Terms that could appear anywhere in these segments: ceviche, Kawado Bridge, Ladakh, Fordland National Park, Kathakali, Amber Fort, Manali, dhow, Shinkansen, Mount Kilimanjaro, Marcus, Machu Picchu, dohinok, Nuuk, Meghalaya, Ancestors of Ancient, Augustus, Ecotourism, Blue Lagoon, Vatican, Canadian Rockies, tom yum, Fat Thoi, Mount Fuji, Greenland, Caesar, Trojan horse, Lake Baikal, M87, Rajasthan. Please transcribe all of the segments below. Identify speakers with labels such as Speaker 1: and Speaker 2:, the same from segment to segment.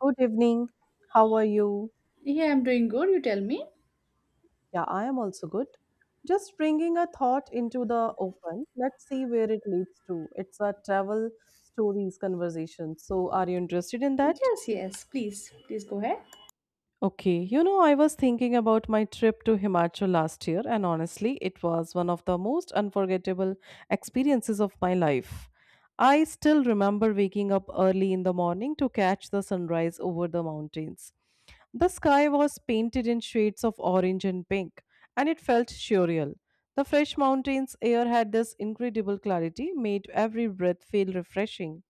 Speaker 1: Good evening. How are you?
Speaker 2: Yeah, I'm doing good. You tell me.
Speaker 1: Yeah, I am also good. Just bringing a thought into the open. Let's see where it leads to. It's a travel stories conversation. So, are you interested in that?
Speaker 2: Yes, yes. Please go ahead.
Speaker 1: Okay, you know, I was thinking about my trip to Himachal last year, and honestly, it was one of the most unforgettable experiences of my life. I still remember waking up early in the morning to catch the sunrise over the mountains. The sky was painted in shades of orange and pink, and it felt surreal. The fresh mountains air had this incredible clarity, made every breath feel refreshing.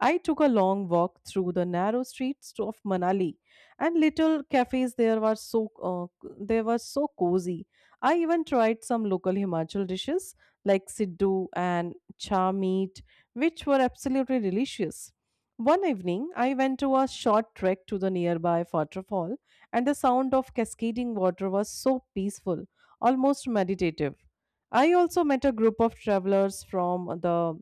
Speaker 1: I took a long walk through the narrow of Manali, and little cafes there were so uh, they were so cozy. I even tried some local Himachal dishes like siddu and cha meat, which were absolutely delicious. One evening, I went to a short trek to the nearby waterfall, and the sound of cascading water was so peaceful, almost meditative. I also met a group of travelers from the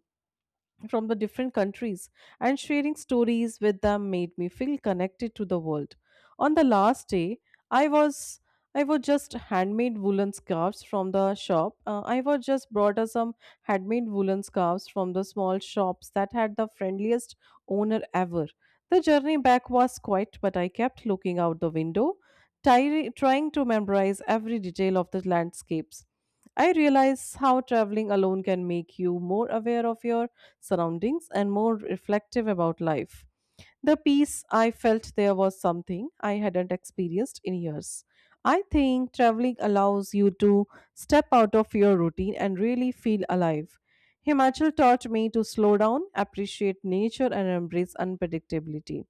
Speaker 1: from the different countries and sharing stories with them made me feel connected to the world on the last day i was I was just handmade woolen scarves from the shop. I was just brought us some handmade woolen scarves from the small shops that had the friendliest owner ever. The journey back was quiet, but I kept looking out the window, trying to memorize every detail of the landscapes. I realized how traveling alone can make you more aware of your surroundings and more reflective about life. The peace I felt there was something I hadn't experienced in years. I think traveling allows you to step out of your routine and really feel alive. Himachal taught me to slow down, appreciate nature, and embrace unpredictability.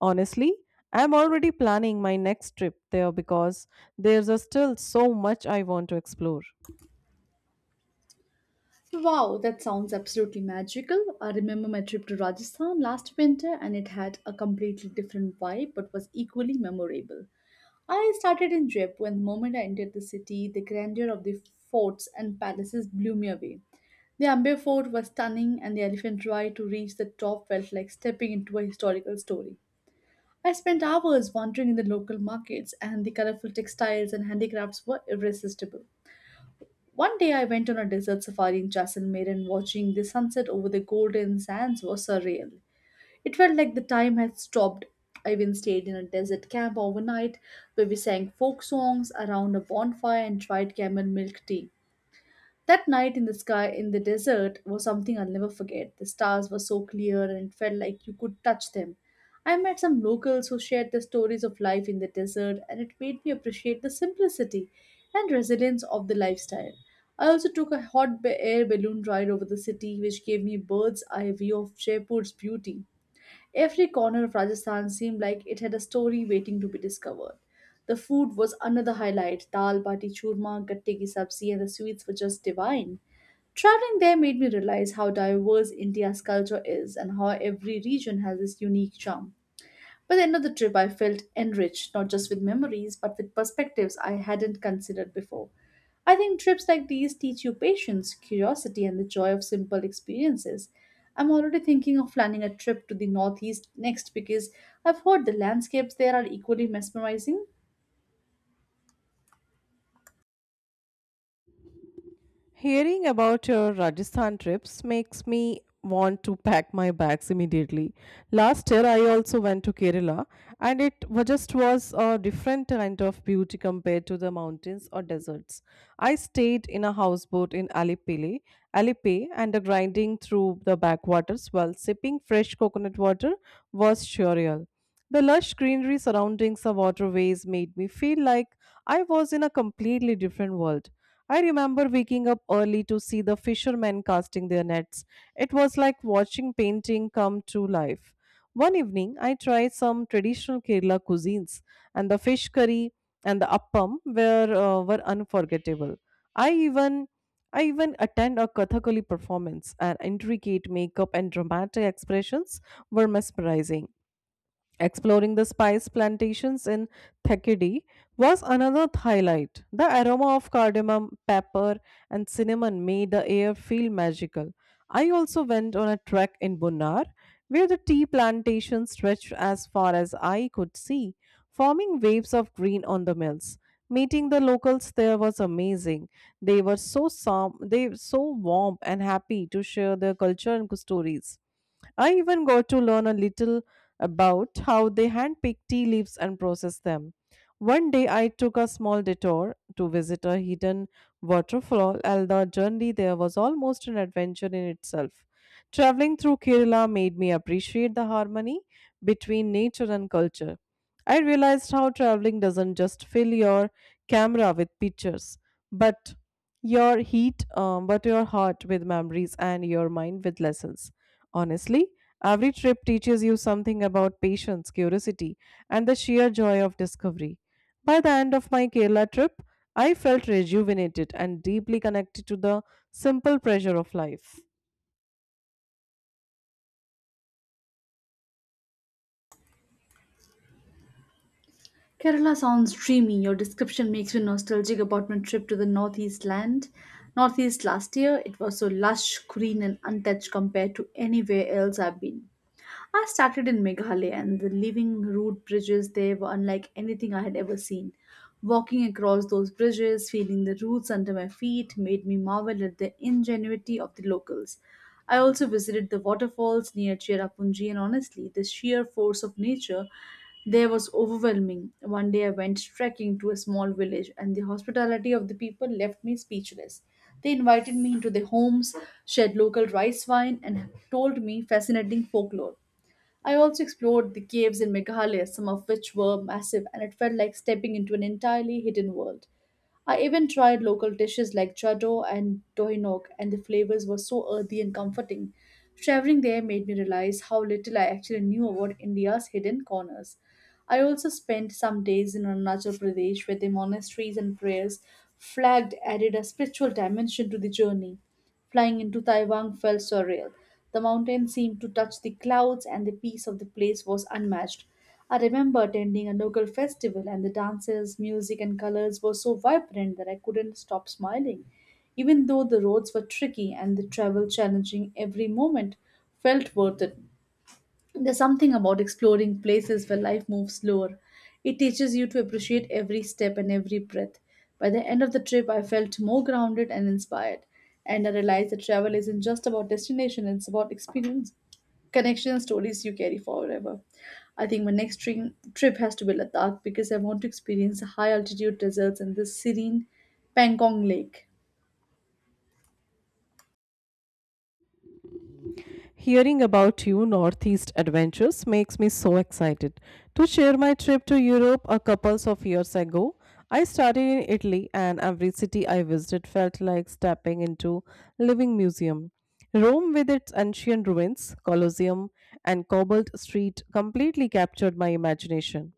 Speaker 1: Honestly, I'm already planning my next trip there because there's a still so much I want to explore.
Speaker 2: Wow, that sounds absolutely magical. I remember my trip to Rajasthan last winter, and it had a completely different vibe but was equally memorable. I started in Jaipur, and the moment I entered the city, the grandeur of the forts and palaces blew me away. The Amber Fort was stunning, and the elephant ride to reach the top felt like stepping into a historical story. I spent hours wandering in the local markets, and the colorful textiles and handicrafts were irresistible. One day, I went on a desert safari in Jaisalmer, and watching the sunset over the golden sands was surreal. It felt like the time had stopped. I even stayed in a desert camp overnight where we sang folk songs around a bonfire and tried camel milk tea. That night in the sky in the desert was something I'll never forget. The stars were so clear, and it felt like you could touch them. I met some locals who shared their stories of life in the desert, and it made me appreciate the simplicity and resilience of the lifestyle. I also took a air balloon ride over the city, which gave me bird's eye view of Jaipur's beauty. Every corner of Rajasthan seemed like it had a story waiting to be discovered. The food was another highlight: dal, bati, churma, gatte ki sabzi, and the sweets were just divine. Traveling there made me realize how diverse India's culture is and how every region has its unique charm. By the end of the trip, I felt enriched, not just with memories, but with perspectives I hadn't considered before. I think trips like these teach you patience, curiosity, and the joy of simple experiences. I'm already thinking of planning a trip to the Northeast next because I've heard the landscapes there are equally mesmerizing.
Speaker 1: Hearing about your Rajasthan trips makes me want to pack my bags immediately. Last year I also went to Kerala, and it just was a different kind of beauty compared to the mountains or deserts. I stayed in a houseboat in Alipay, and the grinding through the backwaters while sipping fresh coconut water was surreal. The lush greenery surrounding the waterways made me feel like I was in a completely different world. I remember waking up early to see the fishermen casting their nets. It was like watching painting come to life. One evening, I tried some traditional Kerala cuisines, and the fish curry and the appam were unforgettable. I even I even attend a Kathakali performance, and intricate makeup and dramatic expressions were mesmerizing. Exploring the spice plantations in Thekedi was another highlight. The aroma of cardamom, pepper, and cinnamon made the air feel magical. I also went on a trek in Bunnar, where the tea plantations stretched as far as eye could see, forming waves of green on the mills. Meeting the locals there was amazing. They they were so warm and happy to share their culture and stories. I even got to learn a little about how they handpick tea leaves and process them. One day I took a small detour to visit a hidden waterfall, and the journey there was almost an adventure in itself. Traveling through Kerala made me appreciate the harmony between nature and culture. I realized how traveling doesn't just fill your camera with pictures, but your heart with memories and your mind with lessons. Honestly, every trip teaches you something about patience, curiosity, and the sheer joy of discovery. By the end of my Kerala trip, I felt rejuvenated and deeply connected to the simple pleasure of life.
Speaker 2: Kerala sounds dreamy. Your description makes me nostalgic about my trip to the Northeast land. Northeast last year. It was so lush, green, and untouched compared to anywhere else I've been. I started in Meghalaya, and the living road bridges there were unlike anything I had ever seen. Walking across those bridges, feeling the roots under my feet, made me marvel at the ingenuity of the locals. I also visited the waterfalls near Cherrapunji, and honestly, the sheer force of nature there was overwhelming. One day I went trekking to a small village, and the hospitality of the people left me speechless. They invited me into their homes, shared local rice wine, and told me fascinating folklore. I also explored the caves in Meghalaya, some of which were massive, and it felt like stepping into an entirely hidden world. I even tried local dishes like chaddo and dohinok, and the flavors were so earthy and comforting. Traveling there made me realize how little I actually knew about India's hidden corners. I also spent some days in Arunachal Pradesh, where the monasteries and prayers flagged added a spiritual dimension to the journey. Flying into Taiwan felt surreal. The mountains seemed to touch the clouds, and the peace of the place was unmatched. I remember attending a local festival, and the dances, music, and colors were so vibrant that I couldn't stop smiling. Even though the roads were tricky and the travel challenging, every moment felt worth it. There's something about exploring places where life moves slower. It teaches you to appreciate every step and every breath. By the end of the trip, I felt more grounded and inspired. And I realized that travel isn't just about destination, it's about experience, connection, and stories you carry forever. I think my trip has to be Ladakh, because I want to experience the high altitude deserts and the serene Pangong Lake.
Speaker 1: Hearing about you Northeast adventures makes me so excited. To share my trip to Europe a couple of years ago, I started in Italy, and every city I visited felt like stepping into living museum. Rome with its ancient ruins, Colosseum, and cobbled street completely captured my imagination.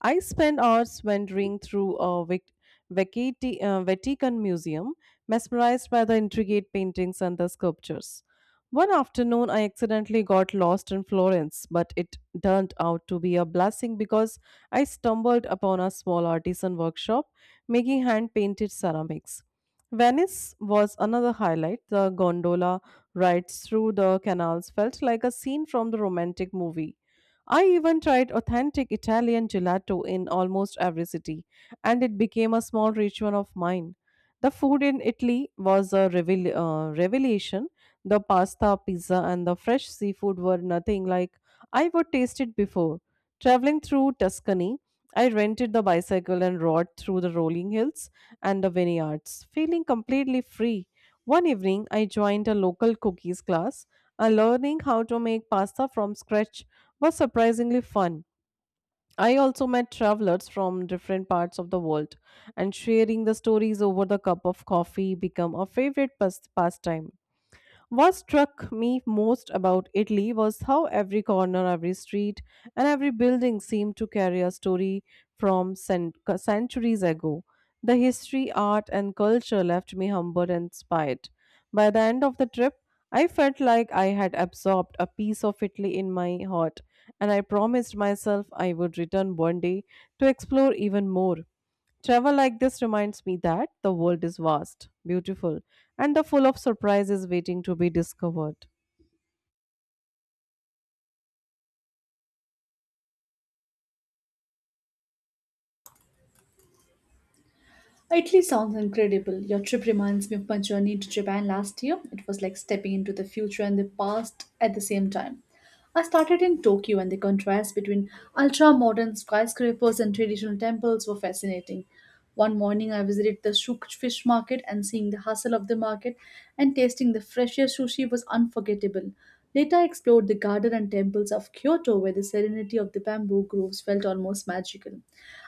Speaker 1: I spent hours wandering through a Vatican Museum, mesmerized by the intricate paintings and the sculptures. One afternoon, I accidentally got lost in Florence, but it turned out to be a blessing because I stumbled upon a small artisan workshop making hand painted ceramics. Venice was another highlight. The gondola rides through the canals felt like a scene from the romantic movie. I even tried authentic Italian gelato in almost every city, and it became a small ritual of mine. The food in Italy was a revelation. The pasta, pizza, and the fresh seafood were nothing like I would tasted before. Traveling through Tuscany, I rented the bicycle and rode through the rolling hills and the vineyards, feeling completely free. One evening, I joined a local cookies class, and learning how to make pasta from scratch was surprisingly fun. I also met travelers from different parts of the world, and sharing the stories over the cup of coffee became a favorite pastime. What struck me most about Italy was how every corner, every street, and every building seemed to carry a story from centuries ago. The history, art, and culture left me humbled and inspired. By the end of the trip, I felt like I had absorbed a piece of Italy in my heart, and I promised myself I would return one day to explore even more. Travel like this reminds me that the world is vast, beautiful, and the full of surprises waiting to be discovered.
Speaker 2: Italy sounds incredible. Your trip reminds me of my journey to Japan last year. It was like stepping into the future and the past at the same time. I started in Tokyo, and the contrast between ultra modern skyscrapers and traditional temples were fascinating. One morning, I visited the fish market, and seeing the hustle of the market and tasting the freshest sushi was unforgettable. Later, I explored the garden and temples of Kyoto, where the serenity of the bamboo groves felt almost magical.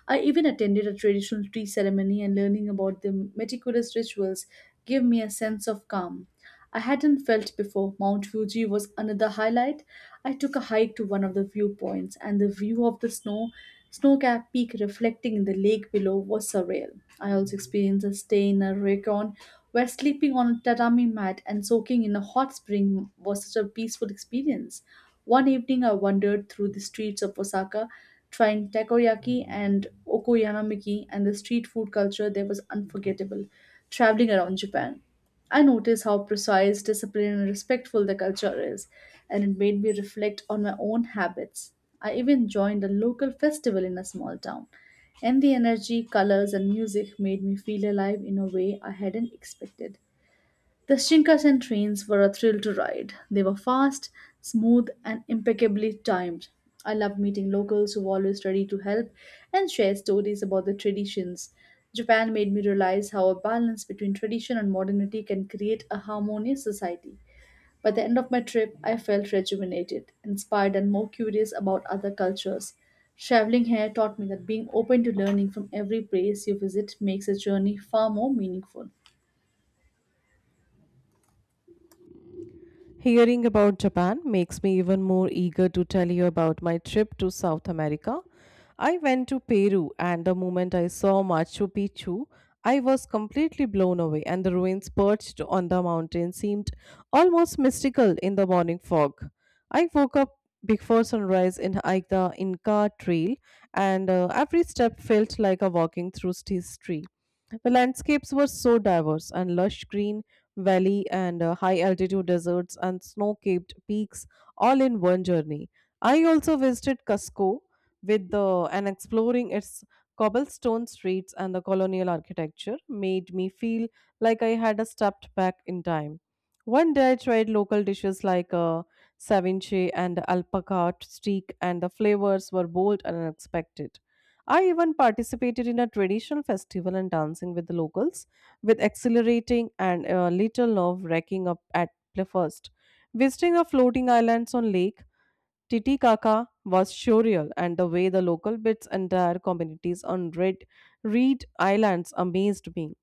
Speaker 2: I even attended a traditional tea ceremony, and learning about the meticulous rituals gave me a sense of calm I hadn't felt before. Mount Fuji was another highlight. I took a hike to one of the viewpoints, and the view of the snow capped peak reflecting in the lake below was surreal. I also experienced a stay in a ryokan, where sleeping on a tatami mat and soaking in a hot spring was such a peaceful experience. One evening, I wandered through the streets of Osaka, trying takoyaki and okoyanamiki, and the street food culture there was unforgettable. Traveling around Japan, I noticed how precise, disciplined, and respectful the culture is, and it made me reflect on my own habits. I even joined a local festival in a small town, and the energy, colors, and music made me feel alive in a way I hadn't expected. The Shinkansen trains were a thrill to ride. They were fast, smooth, and impeccably timed. I loved meeting locals who were always ready to help and share stories about their traditions. Japan made me realize how a balance between tradition and modernity can create a harmonious society. By the end of my trip, I felt rejuvenated, inspired, and more curious about other cultures. Traveling here taught me that being open to learning from every place you visit makes a journey far more meaningful.
Speaker 1: Hearing about Japan makes me even more eager to tell you about my trip to South America. I went to Peru, and the moment I saw Machu Picchu, I was completely blown away, and the ruins perched on the mountain seemed almost mystical in the morning fog. I woke up before sunrise in hiked the Inca Trail, and every step felt like a walking through history. The landscapes were so diverse and lush green valley and high altitude deserts and snow capped peaks all in one journey. I also visited Cusco with the and exploring its cobblestone streets and the colonial architecture made me feel like I had a stepped back in time. One day I tried local dishes like ceviche and alpaca steak, and the flavors were bold and unexpected. I even participated in a traditional festival and dancing with the locals with accelerating and a little nerve wrecking up at first. Visiting the floating islands on Lake Titicaca was surreal, and the way the local bits entire communities on Red Reed Islands amazed me.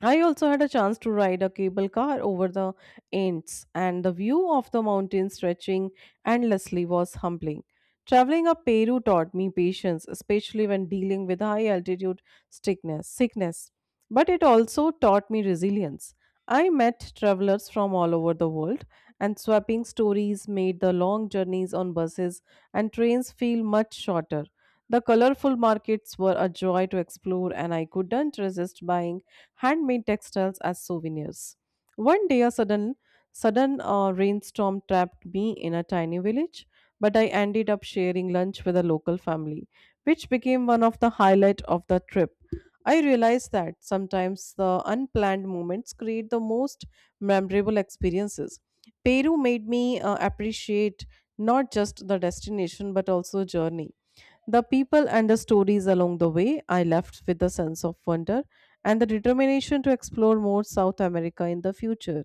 Speaker 1: I also had a chance to ride a cable car over the Ants, and the view of the mountains stretching endlessly was humbling. Traveling up Peru taught me patience, especially when dealing with high altitude sickness. But it also taught me resilience. I met travelers from all over the world, and swapping stories made the long journeys on buses and trains feel much shorter. The colorful markets were a joy to explore, and I couldn't resist buying handmade textiles as souvenirs. One day, a sudden rainstorm trapped me in a tiny village, but I ended up sharing lunch with a local family, which became one of the highlight of the trip. I realized that sometimes the unplanned moments create the most memorable experiences. Peru made me appreciate not just the destination but also journey. The people and the stories along the way, I left with a sense of wonder and the determination to explore more South America in the future.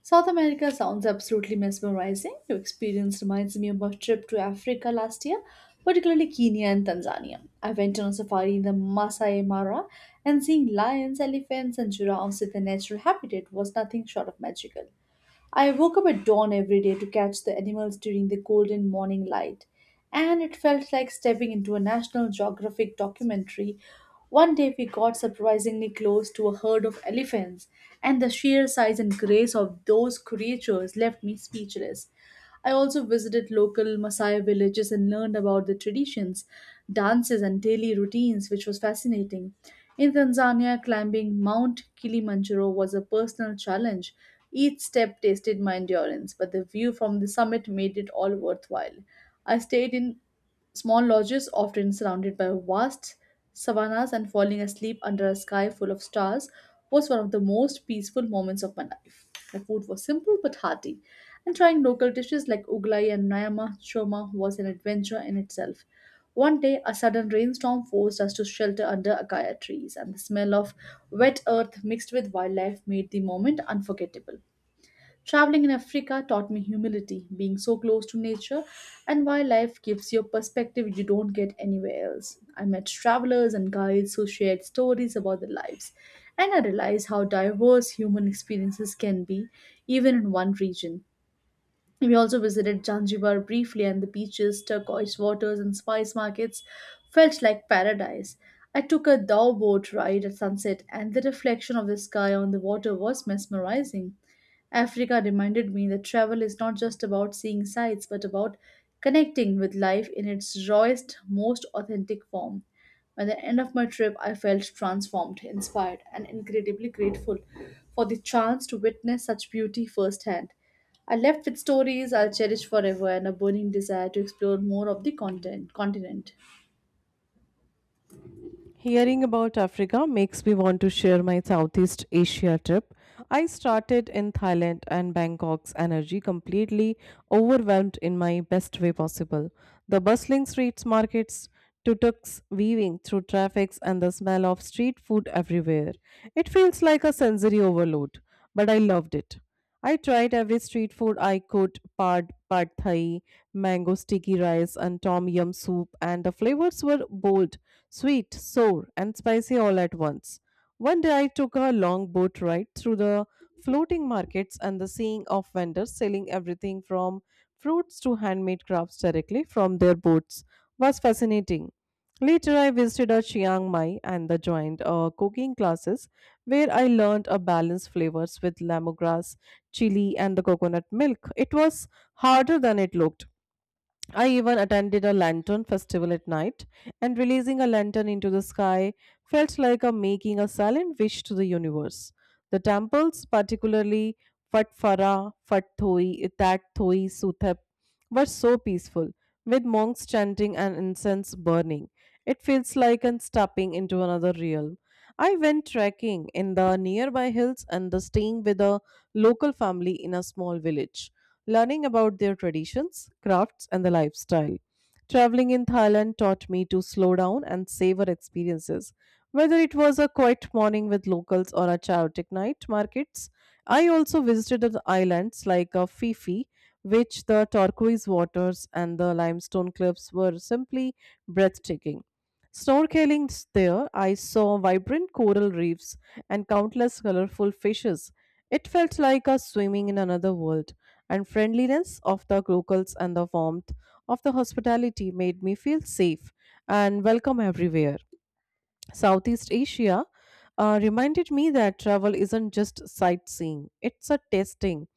Speaker 2: South America sounds absolutely mesmerizing. Your experience reminds me of my trip to Africa last year, particularly Kenya and Tanzania. I went on a safari in the Masai Mara, and seeing lions, elephants, and giraffes in their natural habitat was nothing short of magical. I woke up at dawn every day to catch the animals during the golden morning light, and it felt like stepping into a National Geographic documentary. One day we got surprisingly close to a herd of elephants, and the sheer size and grace of those creatures left me speechless. I also visited local Masai villages and learned about their traditions, dances, and daily routines, which was fascinating. In Tanzania, climbing Mount Kilimanjaro was a personal challenge. Each step tested my endurance, but the view from the summit made it all worthwhile. I stayed in small lodges, often surrounded by vast savannas, and falling asleep under a sky full of stars was one of the most peaceful moments of my life. The food was simple but hearty, and trying local dishes like uglai and nyama choma was an adventure in itself. One day, a sudden rainstorm forced us to shelter under acacia trees, and the smell of wet earth mixed with wildlife made the moment unforgettable. Traveling in Africa taught me humility. Being so close to nature and wildlife gives you a perspective you don't get anywhere else. I met travelers and guides who shared stories about their lives, and I realized how diverse human experiences can be, even in one region. We also visited Zanzibar briefly, and the beaches, turquoise waters, and spice markets felt like paradise. I took a dhow boat ride at sunset, and the reflection of the sky on the water was mesmerizing. Africa reminded me that travel is not just about seeing sights, but about connecting with life in its rawest, most authentic form. By the end of my trip, I felt transformed, inspired, and incredibly grateful for the chance to witness such beauty firsthand. I left with stories I'll cherish forever and a burning desire to explore more of the continent.
Speaker 1: Hearing about Africa makes me want to share my Southeast Asia trip. I started in Thailand, and Bangkok's energy completely overwhelmed in my best way possible. The bustling streets, markets, tuk-tuks weaving through traffics and the smell of street food everywhere. It feels like a sensory overload, but I loved it. I tried every street food I could pad, pad thai, mango sticky rice, and tom yum soup, and the flavors were bold, sweet, sour, and spicy all at once. One day I took a long boat ride through the floating markets, and the seeing of vendors selling everything from fruits to handmade crafts directly from their boats was fascinating. Later, I visited a Chiang Mai and the joined cooking classes where I learned a balanced flavors with lemongrass chili, and the coconut milk. It was harder than it looked. I even attended a lantern festival at night, and releasing a lantern into the sky felt like a making a silent wish to the universe. The temples, particularly Fat Farah, Fat Thoi, Itat Thoi, Suthep, were so peaceful, with monks chanting and incense burning. It feels like I'm stepping into another realm. I went trekking in the nearby hills and the staying with a local family in a small village learning about their traditions, crafts, and the lifestyle. Traveling in Thailand taught me to slow down and savor experiences. Whether it was a quiet morning with locals or a chaotic night markets, I also visited the islands like Fifi, which the turquoise waters and the limestone cliffs were simply breathtaking. Snorkeling there, I saw vibrant coral reefs and countless colorful fishes. It felt like a swimming in another world and friendliness of the locals and the warmth of the hospitality made me feel safe and welcome everywhere. Southeast Asia reminded me that travel isn't just sightseeing, it's a tasting.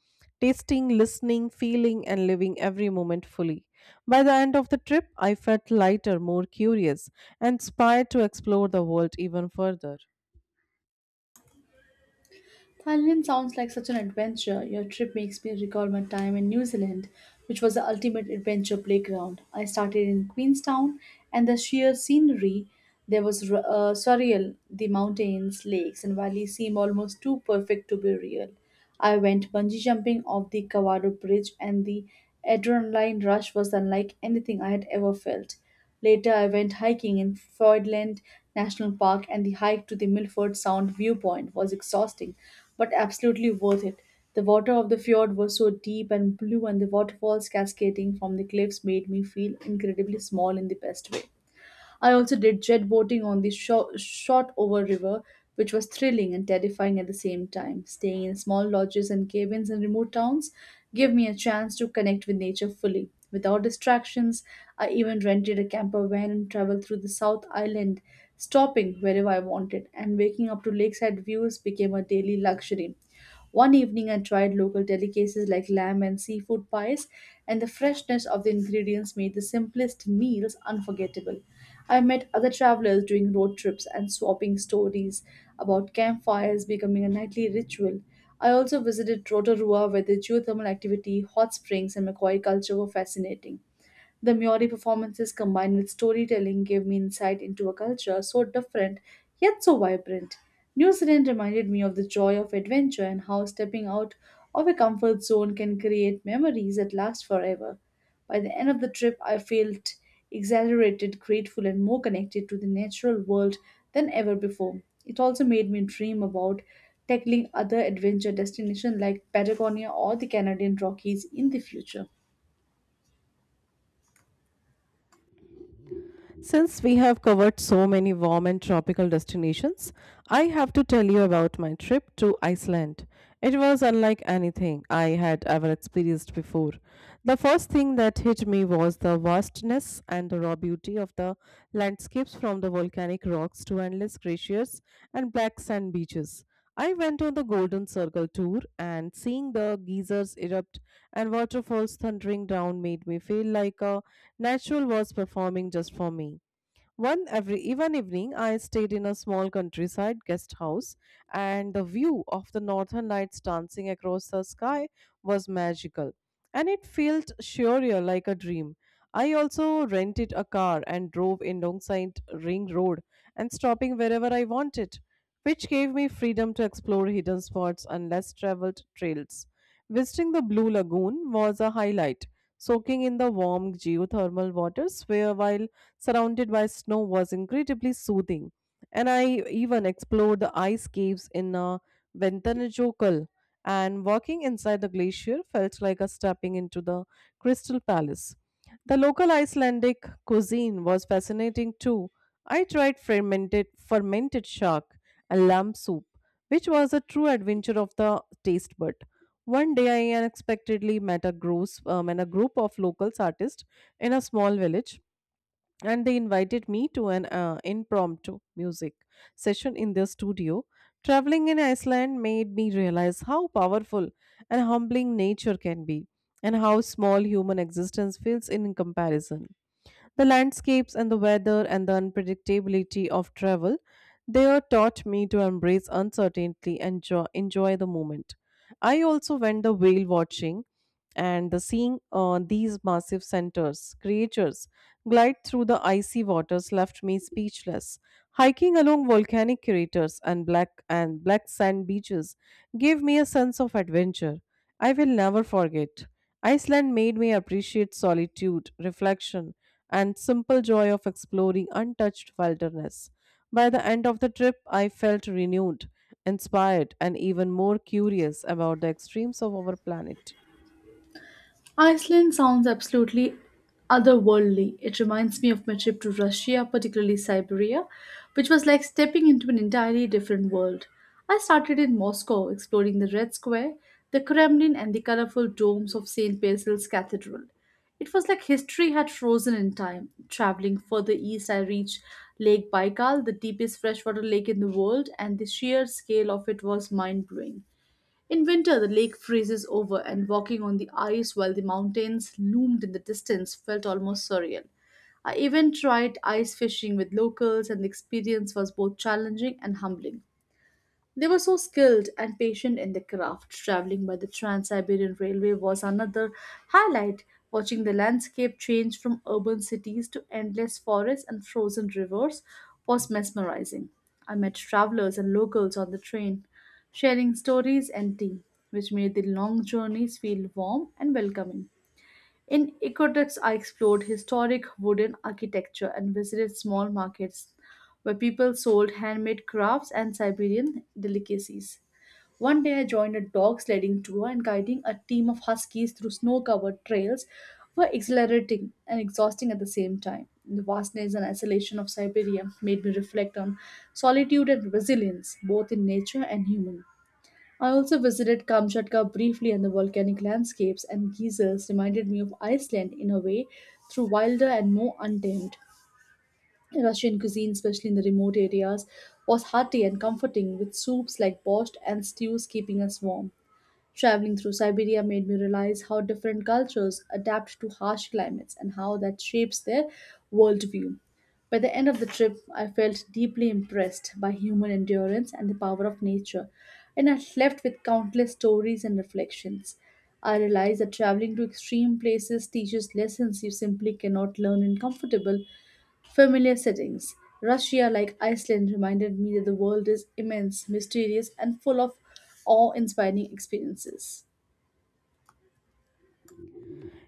Speaker 1: Tasting, listening, feeling, and living every moment fully. By the end of the trip, I felt lighter, more curious, and inspired to explore the world even further.
Speaker 2: Thailand sounds like such an adventure. Your trip makes me recall my time in New Zealand, which was the ultimate adventure playground. I started in Queenstown, and the sheer scenery there was surreal. The mountains, lakes, and valleys seem almost too perfect to be real. I went bungee jumping off the Kawado Bridge, and the adrenaline rush was unlike anything I had ever felt. Later, I went hiking in Fordland National Park, and the hike to the Milford Sound viewpoint was exhausting but absolutely worth it. The water of the fjord was so deep and blue, and the waterfalls cascading from the cliffs made me feel incredibly small in the best way. I also did jet boating on the short over river, which was thrilling and terrifying at the same time. Staying in small lodges and cabins in remote towns gave me a chance to connect with nature fully, without distractions. I even rented a camper van and traveled through the South Island, stopping wherever I wanted, and waking up to lakeside views became a daily luxury. One evening, I tried local delicacies like lamb and seafood pies, and the freshness of the ingredients made the simplest meals unforgettable. I met other travelers doing road trips and swapping stories about campfires becoming a nightly ritual. I also visited Rotorua, where the geothermal activity, hot springs, and Macaulay culture were fascinating. The Maori performances combined with storytelling gave me insight into a culture so different yet so vibrant. New Zealand reminded me of the joy of adventure and how stepping out of a comfort zone can create memories that last forever. By the end of the trip, I felt exhilarated, grateful, and more connected to the natural world than ever before. It also made me dream about tackling other adventure destinations like Patagonia or the Canadian Rockies in the future.
Speaker 1: Since we have covered so many warm and tropical destinations, I have to tell you about my trip to Iceland. It was unlike anything I had ever experienced before. The first thing that hit me was the vastness and the raw beauty of the landscapes from the volcanic rocks to endless glaciers and black sand beaches. I went on the Golden Circle tour and seeing the geysers erupt and waterfalls thundering down made me feel like a natural was performing just for me. One every even evening, I stayed in a small countryside guest house, and the view of the northern lights dancing across the sky was magical, and it felt surreal like a dream. I also rented a car and drove in Longside Ring Road and stopping wherever I wanted, which gave me freedom to explore hidden spots and less traveled trails. Visiting the Blue Lagoon was a highlight, soaking in the warm geothermal waters where while surrounded by snow was incredibly soothing. And I even explored the ice caves in Ventanajokel, and walking inside the glacier felt like a stepping into the Crystal Palace. The local Icelandic cuisine was fascinating too. I tried fermented shark and lamb soup, which was a true adventure of the taste bud. One day, I unexpectedly met a, gross, and a group of locals artists in a small village and they invited me to an impromptu music session in their studio. Traveling in Iceland made me realize how powerful and humbling nature can be and how small human existence feels in comparison. The landscapes and the weather and the unpredictability of travel there taught me to embrace uncertainty and enjoy the moment. I also went the whale watching and the seeing these massive centers, creatures glide through the icy waters left me speechless. Hiking along volcanic craters and black sand beaches gave me a sense of adventure. I will never forget. Iceland made me appreciate solitude, reflection, and simple joy of exploring untouched wilderness. By the end of the trip, I felt renewed, inspired, and even more curious about the extremes of our planet.
Speaker 2: Iceland sounds absolutely otherworldly. It reminds me of my trip to Russia, particularly Siberia, which was like stepping into an entirely different world. I started in Moscow, exploring the Red Square, the Kremlin, and the colorful domes of St. Basil's Cathedral. It was like history had frozen in time. Traveling further east, I reached Lake Baikal, the deepest freshwater lake in the world, and the sheer scale of it was mind blowing. In winter, the lake freezes over, and walking on the ice while the mountains loomed in the distance felt almost surreal. I even tried ice fishing with locals, and the experience was both challenging and humbling. They were so skilled and patient in their craft. Traveling by the Trans Siberian Railway was another highlight. Watching the landscape change from urban cities to endless forests and frozen rivers was mesmerizing. I met travelers and locals on the train, sharing stories and tea, which made the long journeys feel warm and welcoming. In Ecotourism, I explored historic wooden architecture and visited small markets where people sold handmade crafts and Siberian delicacies. One day, I joined a dog sledding tour and guiding a team of huskies through snow covered trails were exhilarating and exhausting at the same time. The vastness and isolation of Siberia made me reflect on solitude and resilience, both in nature and humans. I also visited Kamchatka briefly, and the volcanic landscapes and geysers reminded me of Iceland in a way, through wilder and more untamed. Russian cuisine, especially in the remote areas, was hearty and comforting, with soups like borscht and stews keeping us warm. Traveling through Siberia made me realize how different cultures adapt to harsh climates and how that shapes their worldview. By the end of the trip, I felt deeply impressed by human endurance and the power of nature, and I left with countless stories and reflections. I realized that traveling to extreme places teaches lessons you simply cannot learn in comfortable, familiar settings. Russia, like Iceland, reminded me that the world is immense, mysterious, and full of awe inspiring experiences.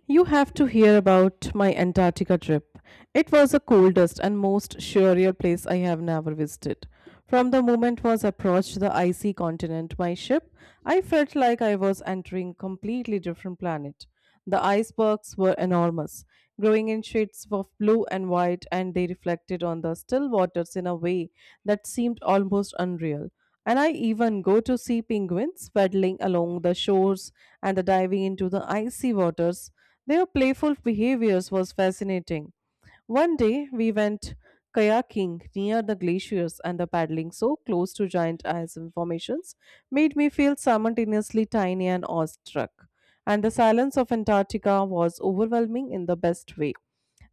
Speaker 1: You have to hear about my Antarctica trip. It was the coldest and most surreal place I have never visited. From the moment was approached the icy continent my ship, I felt like I was entering completely different planet. The icebergs were enormous, growing in shades of blue and white, and they reflected on the still waters in a way that seemed almost unreal. And I even go to see penguins paddling along the shores and diving into the icy waters their playful behaviors was fascinating. One day we went kayaking near the glaciers and the paddling so close to giant ice formations made me feel simultaneously tiny and awestruck. And the silence of Antarctica was overwhelming in the best way.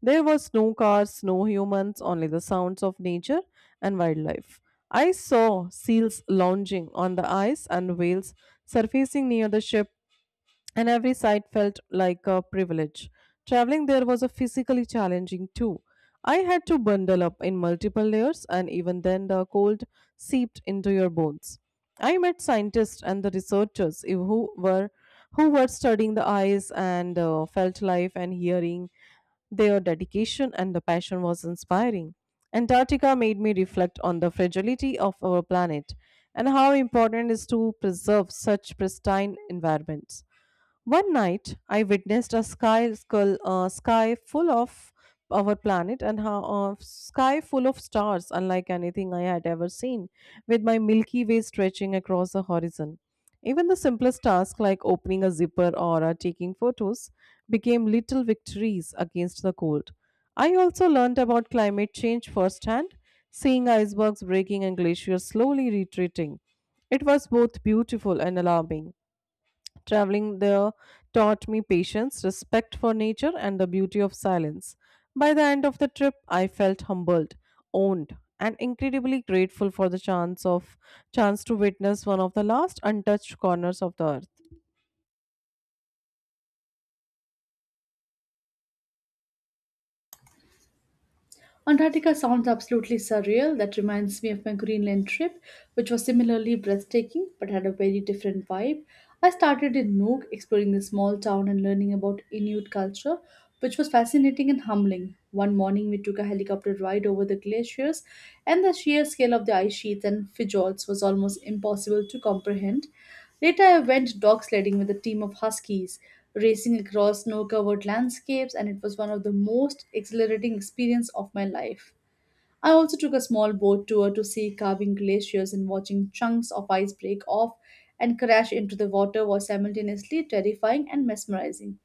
Speaker 1: There was no cars, no humans, only the sounds of nature and wildlife. I saw seals lounging on the ice and whales surfacing near the ship, and every sight felt like a privilege. Traveling there was a physically challenging too. I had to bundle up in multiple layers, and even then, the cold seeped into your bones. I met scientists and the researchers who were studying the eyes and felt life and hearing. Their dedication and the passion was inspiring. Antarctica made me reflect on the fragility of our planet and how important it is to preserve such pristine environments. One night, I witnessed a sky full of our planet and how sky full of stars, unlike anything I had ever seen, with my Milky Way stretching across the horizon. Even the simplest tasks like opening a zipper or taking photos became little victories against the cold. I also learned about climate change firsthand, seeing icebergs breaking and glaciers slowly retreating. It was both beautiful and alarming. Traveling there taught me patience, respect for nature, and the beauty of silence. By the end of the trip, I felt humbled, owned, and incredibly grateful for the chance to witness one of the last untouched corners of the earth.
Speaker 2: Antarctica sounds absolutely surreal. That reminds me of my Greenland trip, which was similarly breathtaking but had a very different vibe. I started in Nuuk, exploring the small town and learning about Inuit culture, which was fascinating and humbling. One morning, we took a helicopter ride over the glaciers, and the sheer scale of the ice sheets and fjords was almost impossible to comprehend. Later, I went dog sledding with a team of huskies, racing across snow covered landscapes, and it was one of the most exhilarating experiences of my life. I also took a small boat tour to see carving glaciers and watching chunks of ice break off and crash into the water was simultaneously terrifying and mesmerizing.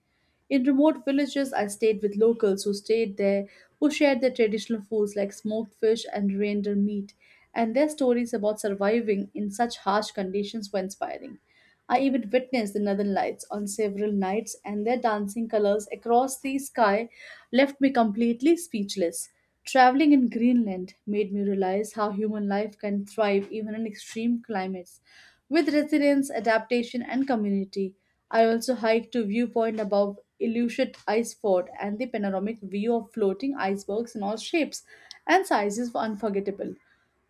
Speaker 2: In remote villages, I stayed with locals who stayed there, who shared their traditional foods like smoked fish and reindeer meat, and their stories about surviving in such harsh conditions were inspiring. I even witnessed the northern lights on several nights, and their dancing colors across the sky left me completely speechless. Traveling in Greenland made me realize how human life can thrive even in extreme climates. With resilience, adaptation, and community, I also hiked to viewpoint above Ilushet Ice Fort, and the panoramic view of floating icebergs in all shapes and sizes were unforgettable.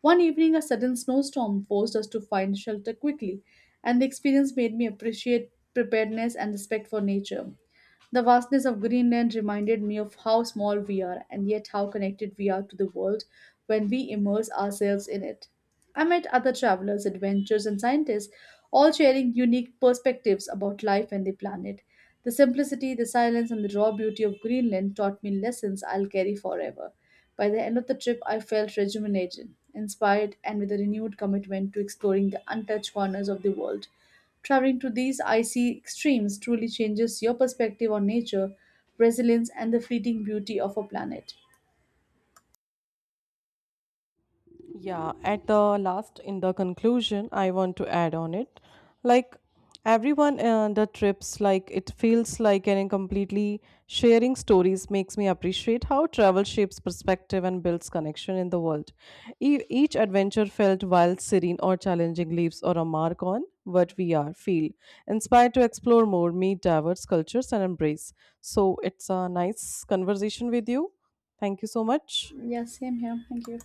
Speaker 2: One evening, a sudden snowstorm forced us to find shelter quickly, and the experience made me appreciate preparedness and respect for nature. The vastness of Greenland reminded me of how small we are and yet how connected we are to the world when we immerse ourselves in it. I met other travelers, adventurers, and scientists, all sharing unique perspectives about life and the planet. The simplicity, the silence, and the raw beauty of Greenland taught me lessons I'll carry forever. By the end of the trip, I felt rejuvenated, inspired, and with a renewed commitment to exploring the untouched corners of the world. Traveling to these icy extremes truly changes your perspective on nature, resilience, and the fleeting beauty of a planet.
Speaker 1: Yeah, at the last, in the conclusion, I want to add on it. Like everyone, the trips, like it feels like an completely sharing stories makes me appreciate how travel shapes perspective and builds connection in the world. Each adventure felt wild, serene, or challenging leaves or a mark on what we are, feel, inspired to explore more, meet diverse cultures, and embrace. So it's a nice conversation with you. Thank you so much.
Speaker 2: Yeah, same here. Thank you.